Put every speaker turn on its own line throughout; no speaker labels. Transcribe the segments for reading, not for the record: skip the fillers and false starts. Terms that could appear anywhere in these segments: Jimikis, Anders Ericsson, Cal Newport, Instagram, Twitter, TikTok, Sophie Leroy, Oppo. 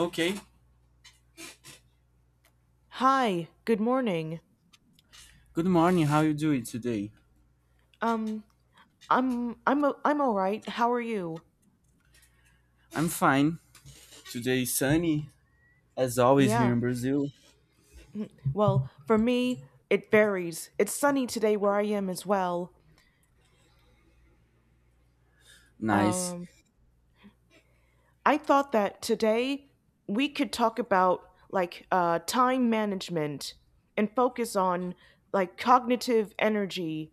Okay.
Hi, good morning.
Good morning. How you doing today?
Um, I'm all right. How are you?
I'm fine. Today is sunny as always
Yeah.
here in Brazil.
Well, for me, it varies. It's sunny today where I am as well.
Nice.
Um, I thought that today we could talk about like time management and focus on like cognitive energy.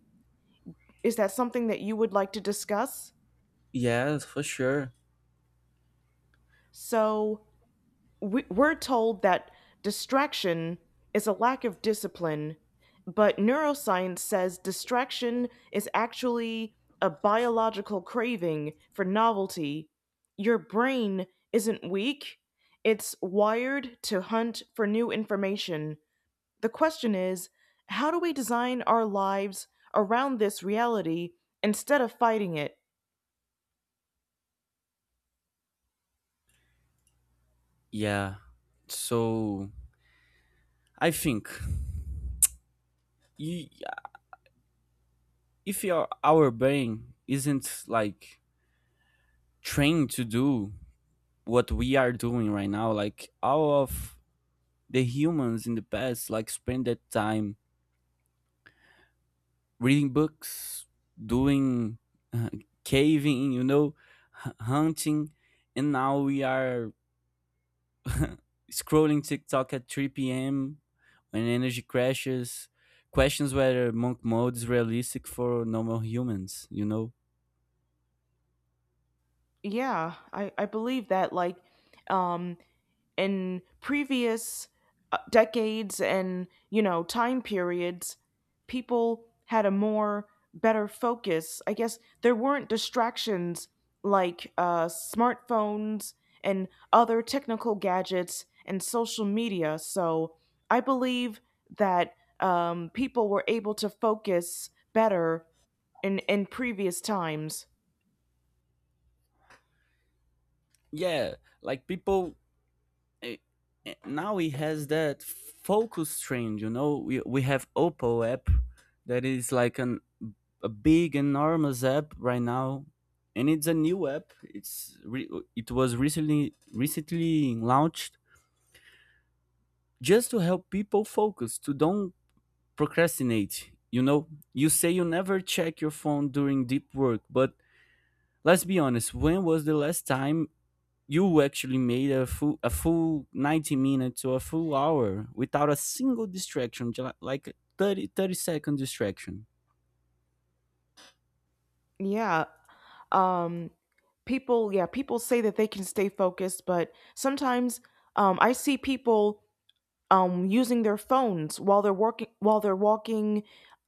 Is that something that you would like to discuss?
Yes, for sure.
So, we're told that distraction is a lack of discipline, but neuroscience says distraction is actually a biological craving for novelty. Your brain isn't weak, it's wired to hunt for new information. The question is how do we design our lives around this reality instead of fighting it?
Yeah. So I think you, if your, our brain isn't like trained to do what we are doing right now, like all of the humans in the past, like spend that time reading books, doing uh, caving, hunting, and now we are scrolling TikTok at 3 p.m. when energy crashes. Questions whether monk mode is realistic for normal humans, you know?
Yeah, I believe that. Like, um, in previous decades and you know time periods people had a more better focus, I guess there weren't distractions like smartphones and other technical gadgets and social media, so I believe that people were able to focus better in previous times.
Yeah, like people eh, now he has that focus trend, you know? We have Oppo app that is like an a big enormous app right now, and it's a new app. It was recently launched just to help people focus, to don't procrastinate, you know? You say you never check your phone during deep work, but let's be honest, when was the last time you actually made a full 90 minutes or a full hour without a single distraction, like a 30 30-second distraction?
Yeah. um people say that they can stay focused, but sometimes I see people using their phones while they're working, while they're walking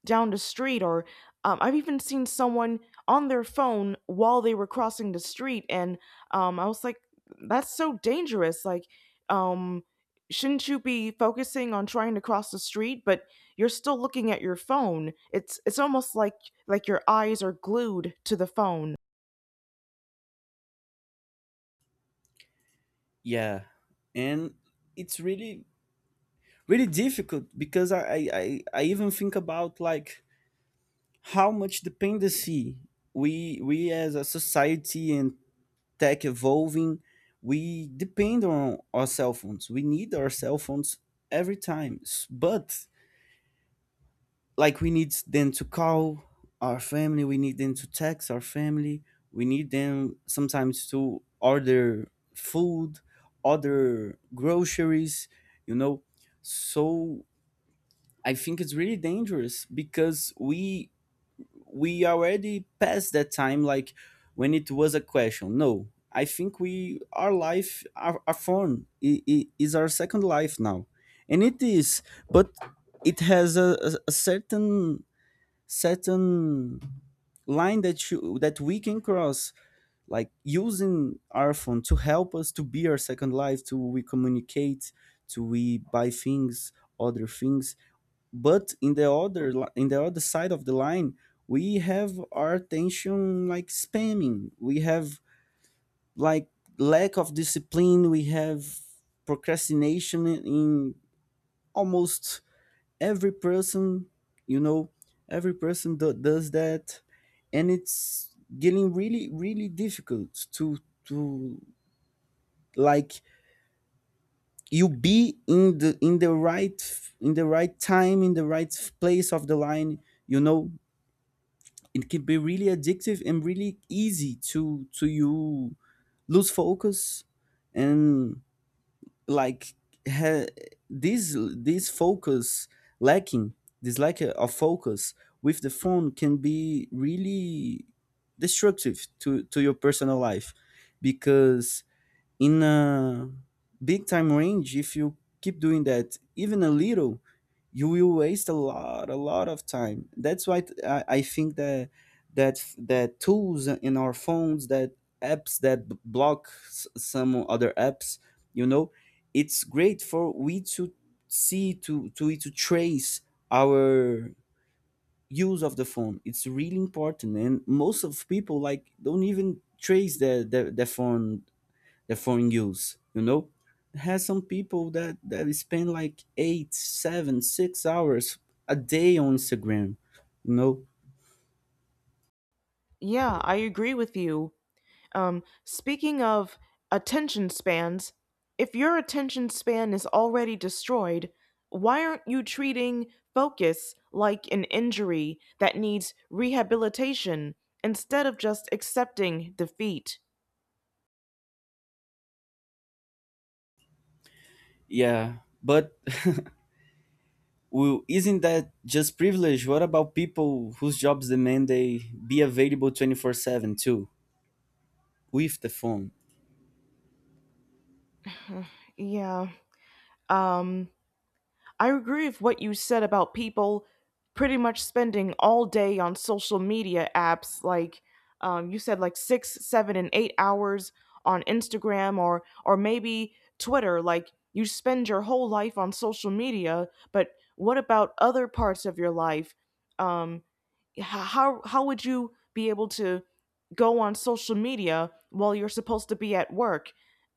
down the street, or I've even seen someone on their phone while they were crossing the street, and I was like, that's so dangerous. Um shouldn't you be focusing on trying to cross the street, but you're still looking at your phone? It's almost like your eyes are glued to the phone.
Yeah, and it's really really difficult because I even think about like how much dependency we as a society and tech evolving, we depend on our cell phones. We need our cell phones every time, but like we need them to call our family, we need them to text our family, we need them sometimes to order food, order groceries, you know? So I think it's really dangerous because we already passed that time, like when it was a question. No, I think we our life our phone is our second life now. And it is, but it has a certain line that you that we can cross, like using our phone to help us, to be our second life, to we communicate, to we buy things, other things. But in the in the other side of the line, we have our attention like spamming, we have like lack of discipline, we have procrastination in almost every person, you know, every person does that. And it's getting really really difficult to to like you be in the right time in the right place of the line, you know? It can be really addictive and really easy to you lose focus. And like ha- this focus lacking this lack of focus with the phone can be really destructive to your personal life, because in a big time range, if you keep doing that even a little, you will waste a lot of time. That's why I think that tools in our phones, that apps block some other apps, you know, it's great for we to see to trace our use of the phone. It's really important, and most of people like don't even trace the phone use, you know? Has some people that spend like 8, 7, 6 hours a day on Instagram, you know?
Yeah, I agree with you. Speaking of attention spans, if your attention span is already destroyed, why aren't you treating focus like an injury that needs rehabilitation instead of just accepting defeat?
Yeah, but well, isn't that just privilege? What about people whose jobs demand they be available 24/7 too with the phone?
Yeah. Um, I agree with what you said about people pretty much spending all day on social media apps. Like you said, like 6, 7, and 8 hours on Instagram or maybe Twitter. Like you spend your whole life on social media, but what about other parts of your life? Um, how would you be able to go on social media while you're supposed to be at work?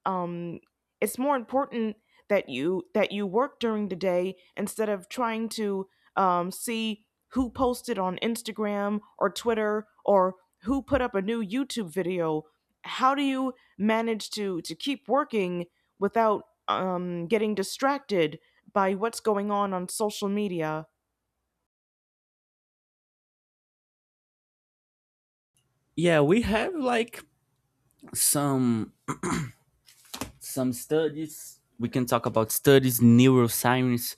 Um, it's more important that you work during the day instead of trying to see who posted on Instagram or Twitter, or who put up a new YouTube video. How do you manage to keep working without getting distracted by what's going on social media?
Yeah, we have like some some studies, we can talk about studies, neuroscience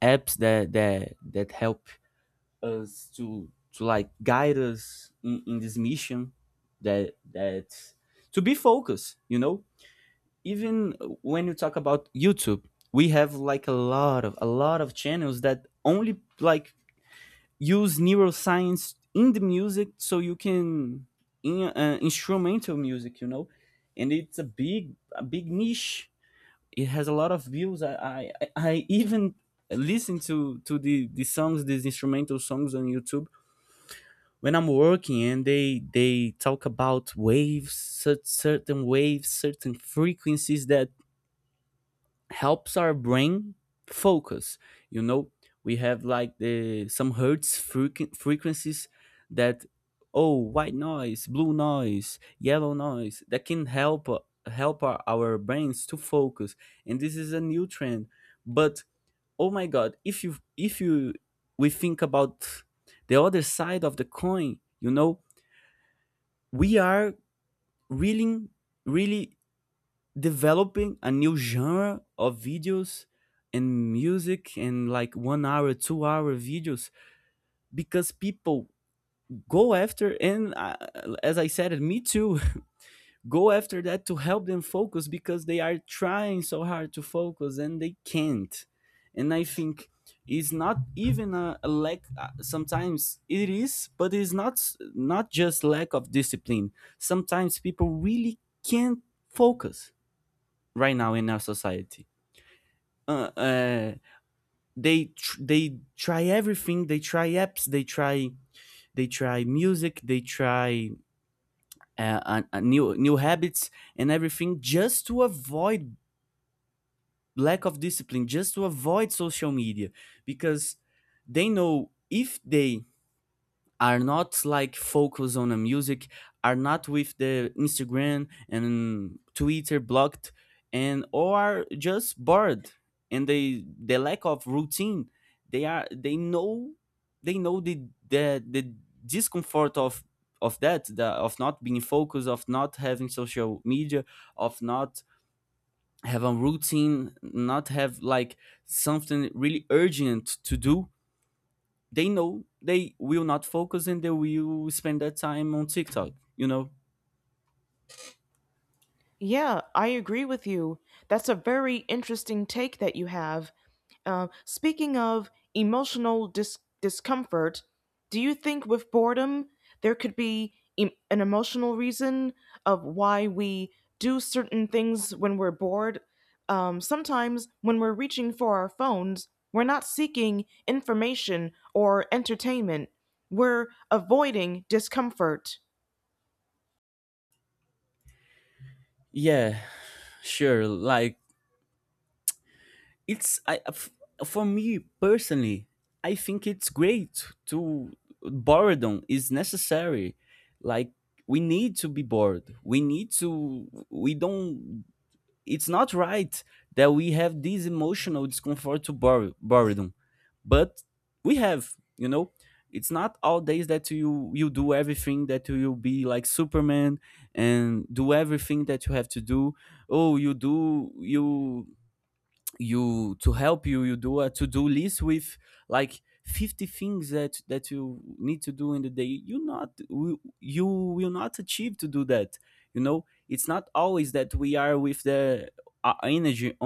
apps that help us to like guide us in this mission that to be focused, you know? Even when you talk about YouTube, we have like a lot of channels that only like use neuroscience in the music, so you can, in instrumental music, you know, and it's a big niche. It has a lot of views. I even listen to these instrumental songs on YouTube when I'm working, and they talk about waves, certain waves, certain frequencies that helps our brain focus. You know, we have like the some hertz frequencies that, oh, white noise, blue noise, yellow noise that can help our brains to focus. And this is a new trend. But oh my god, if you we think about the other side of the coin, you know, we are really really developing a new genre of videos and music, and like 1 hour 2 hour videos because people go after, and as I said, me too, go after that to help them focus because they are trying so hard to focus and they can't. And I think it's not even a lack. Sometimes it is, but it's not not just lack of discipline. Sometimes people really can't focus right now in our society. Uh, uh, they they try everything. They try apps. They try music. They try new habits and everything, just to avoid lack of discipline, just to avoid social media, because they know if they are not like focused on the music, are not with the Instagram and Twitter blocked, and or are just bored, and the lack of routine, they know, they know the discomfort of of not being focused, of not having social media, of not have a routine, not have like something really urgent to do, they know they will not focus and they will spend that time on TikTok, you know?
Yeah, I agree with you. That's a very interesting take that you have. Speaking of emotional discomfort, do you think with boredom there could be an emotional reason of why we do certain things when we're bored? Sometimes when we're reaching for our phones, we're not seeking information or entertainment, we're avoiding discomfort.
Yeah, sure. Like it's I uh, f- for me personally, I think it's great to boredom is necessary. Like we need to be bored. We need to we don't It's not right that we have this emotional discomfort to boredom, but we have, you know, it's not all days that you do everything, that you will be like Superman and do everything that you have to do. Oh, you do you you to help you you do a to-do list with like 50 things that you need to do in the day, you will not achieve to do that, you know? It's not always that we are with the energy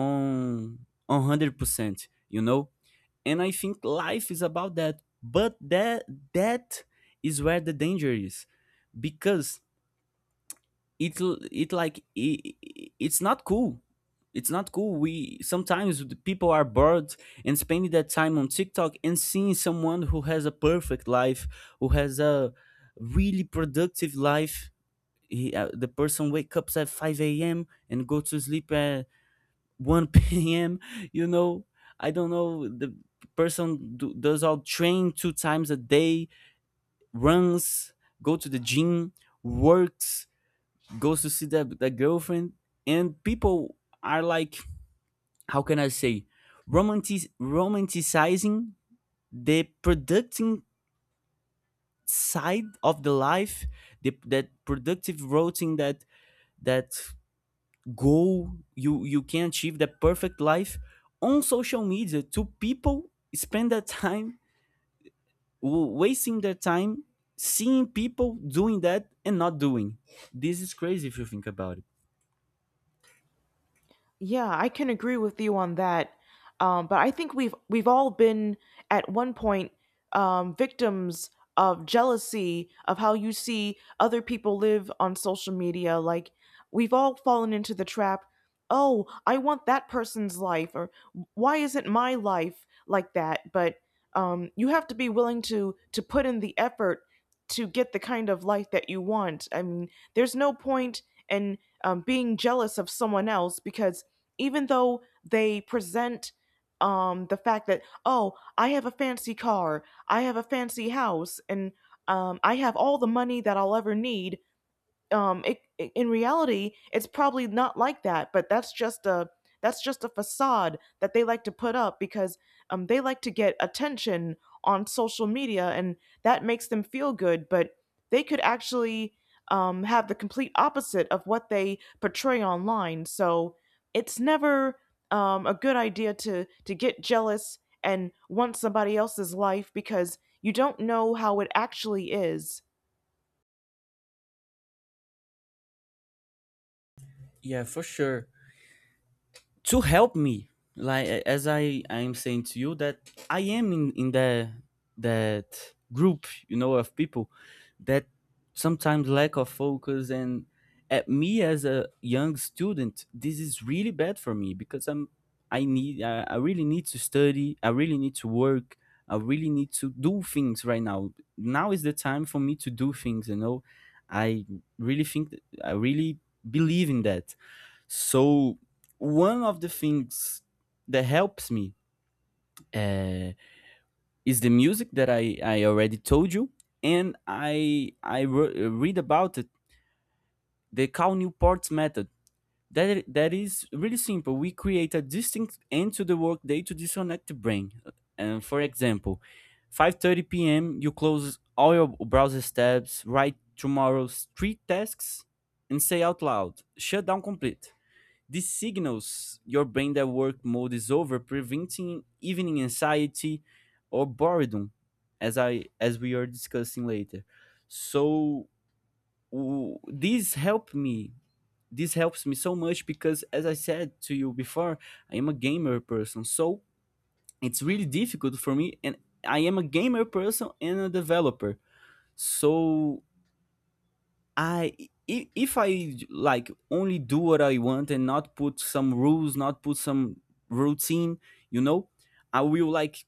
on 100%, you know? And I think life is about that. But that is where the danger is, because it it like it's not cool, we sometimes the people are bored and spending that time on TikTok and seeing someone who has a perfect life, who has a really productive life. The person wakes up at 5 a.m. and go to sleep at 1 p.m., you know, I don't know, the person does all train two times a day, runs, go to the gym, works, goes to see that girlfriend, and people are like, how can I say, romanticizing the productive side of the life, the that productive routine, that goal. You can achieve the perfect life on social media, to people spend their time wasting their time seeing people doing that and not doing. This is crazy if you think about it.
Yeah, I can agree with you on that. But I think we've all been at one point victims of jealousy of how you see other people live on social media. Like we've all fallen into the trap. Oh, I want that person's life, or why isn't my life like that? But you have to be willing to put in the effort to get the kind of life that you want. I mean, there's no point in being jealous of someone else, because even though they present the fact that, oh, I have a fancy car, I have a fancy house, and I have all the money that I'll ever need, in reality, it's probably not like that, but that's just a facade that they like to put up, because they like to get attention on social media, and that makes them feel good, but they could actually have the complete opposite of what they portray online. So it's never a good idea to get jealous and want somebody else's life, because you don't know how it actually is.
Yeah, for sure. To help me, like as I am saying to you, that I am in the that group, you know, of people that sometimes lack of focus, and at me as a young student, this is really bad for me because I need, I really need to study, I really need to work, I really need to do things right now. Now is the time for me to do things, you know? i I really believe in that. So one of the things that helps me, uh, is the music that I already told you, and I read about it. The Cal Newport's method. That is really simple. We create a distinct end to the workday to disconnect the brain. And for example, 5:30 p.m. you close all your browser tabs, write tomorrow's three tasks, and say out loud, "Shut down complete." This signals your brain that work mode is over, preventing evening anxiety or boredom, as I as we are discussing later. So this helped me. This helps me so much because, as I said to you before, I am a gamer person. So it's really difficult for me, and I am a gamer person and a developer. So I if I like only do what I want and not put some rules, not put some routine, you know, I will like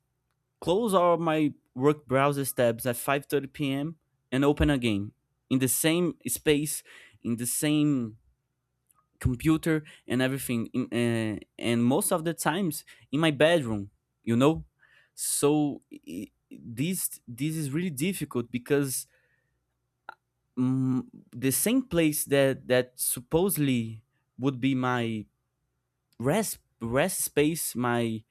close all my work browser tabs at 5:30 p.m. and open again in the same space, in the same computer and everything, and most of the times in my bedroom, you know. So this is really difficult because mm, the same place that supposedly would be my rest space, my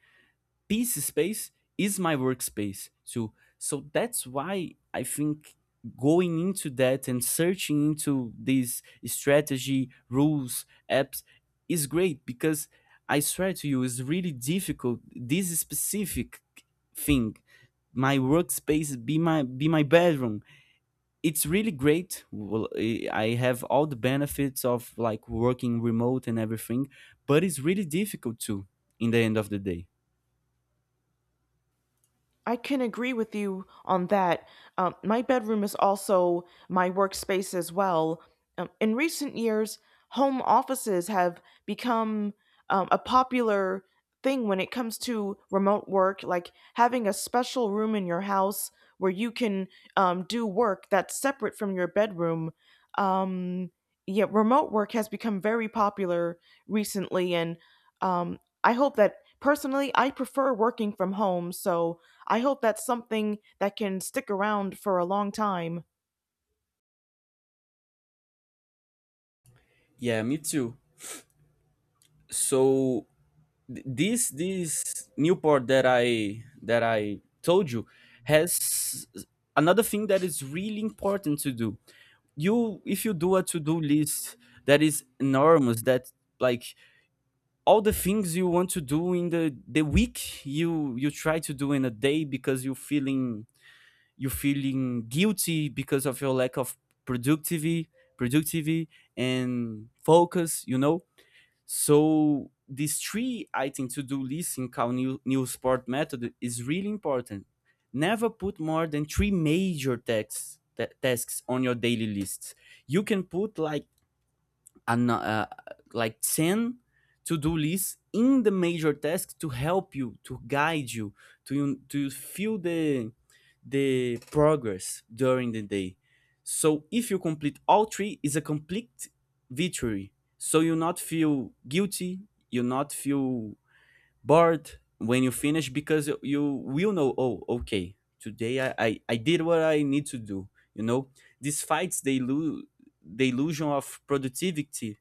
peace space is my workspace. So that's why I think going into that and searching into these strategy rules apps is great because I swear to you, it's really difficult. This specific thing, my workspace be my bedroom it's really great. Well, I have all the benefits of like working remote and everything, but it's really difficult too in the end of the day.
I can agree with you on that. My bedroom is also my workspace as well. In recent years, home offices have become a popular thing when it comes to remote work, like having a special room in your house where you can do work that's separate from your bedroom. Um, yeah, remote work has become very popular recently, and um, I hope that, personally, I prefer working from home. So I hope that's something that can stick around for a long time.
Yeah, me too. So this Newport that I told you has another thing that is really important to do. You if you do a to-do list that is enormous that like all the things you want to do in the week you try to do in a day because you're feeling guilty because of your lack of productivity productivity and focus, you know. So these three items to do list in Cal new sport method is really important. Never put more than three major tasks on your daily lists. You can put like an, uh, like 10 to-do list in the major tasks to help you to guide you to feel the progress during the day. So if you complete all three is a complete victory, so you not feel guilty, you not feel bored when you finish because you will know, oh okay, today I did what I need to do, you know. These fights they lose the illusion of productivity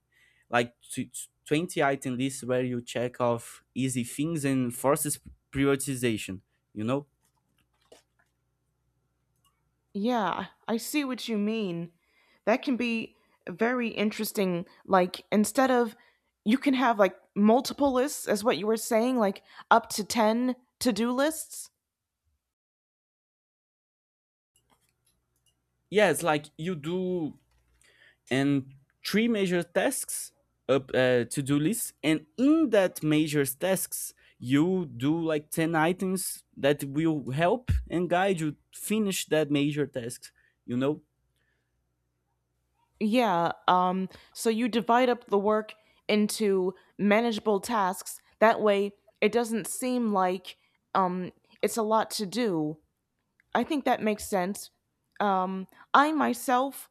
like 20 item list where you check off easy things and forces prioritization, you know.
Yeah, I see what you mean. That can be very interesting. Like, instead of, you can have like multiple lists, as what you were saying, like up to 10 to do lists.
Yes, like you do and three major tasks up to do list, and in that major tasks you do like 10 items that will help and guide you finish that major task, you know.
Yeah, so you divide up the work into manageable tasks. That way, it doesn't seem like um, it's a lot to do. I think that makes sense. Um, I myself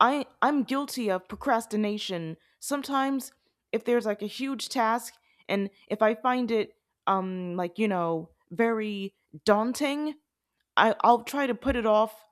I I'm guilty of procrastination. Sometimes if there's like a huge task, and if I find it very daunting, I'll try to put it off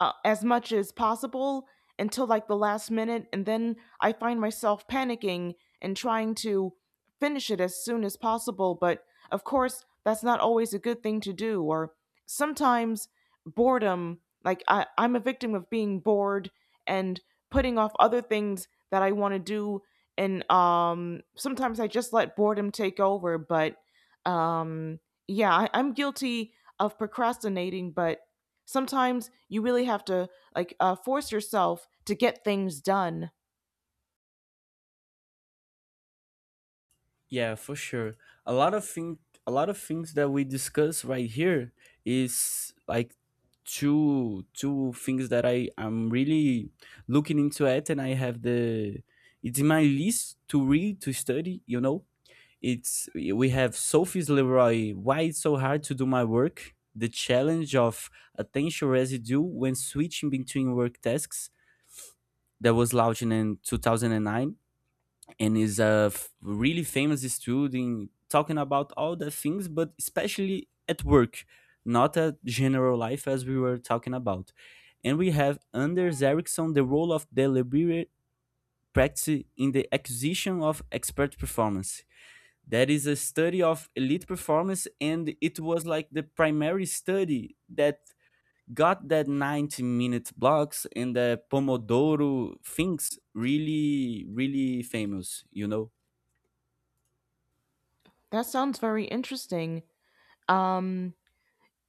as much as possible until like the last minute, and then I find myself panicking and trying to finish it as soon as possible. But of course, that's not always a good thing to do. Or sometimes boredom, like I'm a victim of being bored and putting off other things that I want to do. And sometimes I just let boredom take over. But um, yeah, I'm guilty of procrastinating, but sometimes you really have to force yourself to get things done.
Yeah, for sure. a lot of thing a lot of things that we discuss right here is like two things that I am really looking into it, and I have the, it's in my list to read, to study, you know. It's we have Sophie's Leroy. Why it's so hard to do my work? The challenge of attention residue when switching between work tasks, that was launched in 2009, and is a really famous student talking about all the things, but especially at work, not at general life as we were talking about. And we have Anders Ericsson, the role of deliberate practice in the acquisition of expert performance, that is a study of elite performance, and it was like the primary study that got that 90-minute blocks and the pomodoro things really famous, you know.
That sounds very interesting. Um,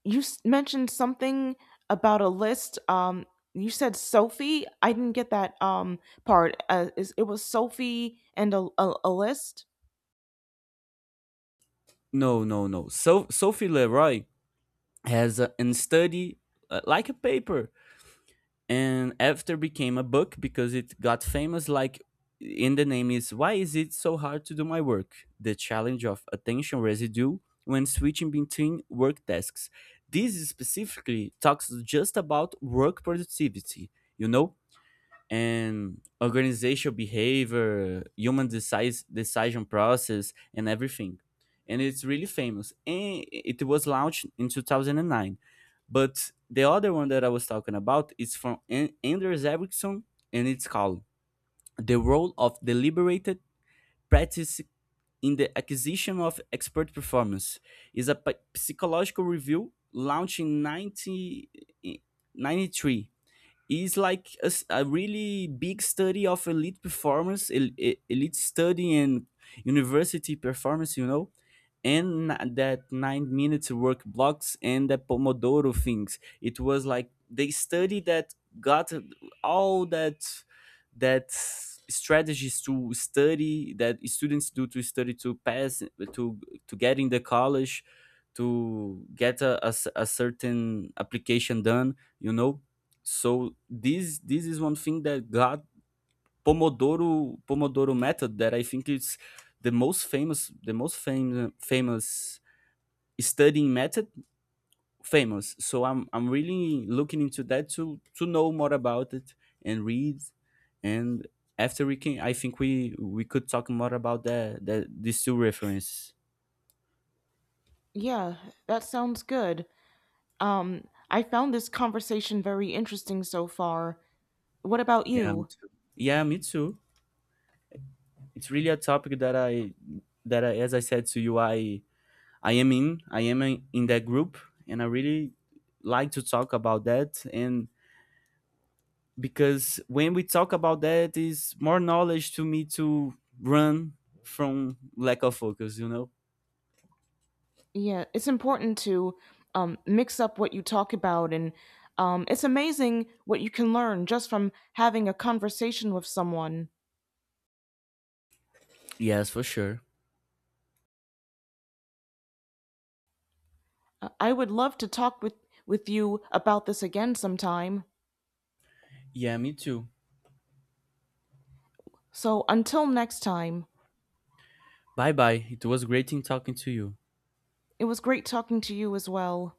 mentioned something about a list. You said Sophie. I didn't get that part. It was Sophie and a list.
No, no, no. So Sophie Leroy has an study, like a paper, and after became a book because it got famous. Like in the name is why is it so hard to do my work, the challenge of attention residue when switching between work tasks. This specifically talks just about work productivity, you know, and organizational behavior, human decision process, and everything. And it's really famous. And it was launched in 2009. But the other one that I was talking about is from Anders Ericsson, and it's called The Role of Deliberated Practice in the Acquisition of Expert Performance. Is a psychological review launched in 90, is like a really big study of elite performance, elite study, and university performance, you know. And that 9 minutes work blocks and the pomodoro things, it was like they study that got all that strategies to study that students do to study to pass to to get in the college, to get a certain application done, you know. So this is one thing that got Pomodoro method that I think is the most famous, the most famous studying method famous. So I'm really looking into that to know more about it and read, and after we can, I think we could talk more about that these two references.
Yeah, that sounds good. I found this conversation very interesting so far. What about
Yeah, me
you?
too. Yeah, me too. It's really a topic that I, as I said to you, I am in that group, and I really like to talk about that. And because when we talk about that is more knowledge to me to run from lack of focus, you know.
Yeah, it's important to mix up what you talk about, and it's amazing what you can learn just from having a conversation with someone.
Yes, for sure.
I would love to talk with you about this again sometime.
Yeah, me too.
So until next time,
Bye bye, it was great in talking to you.
it was great talking to you as well.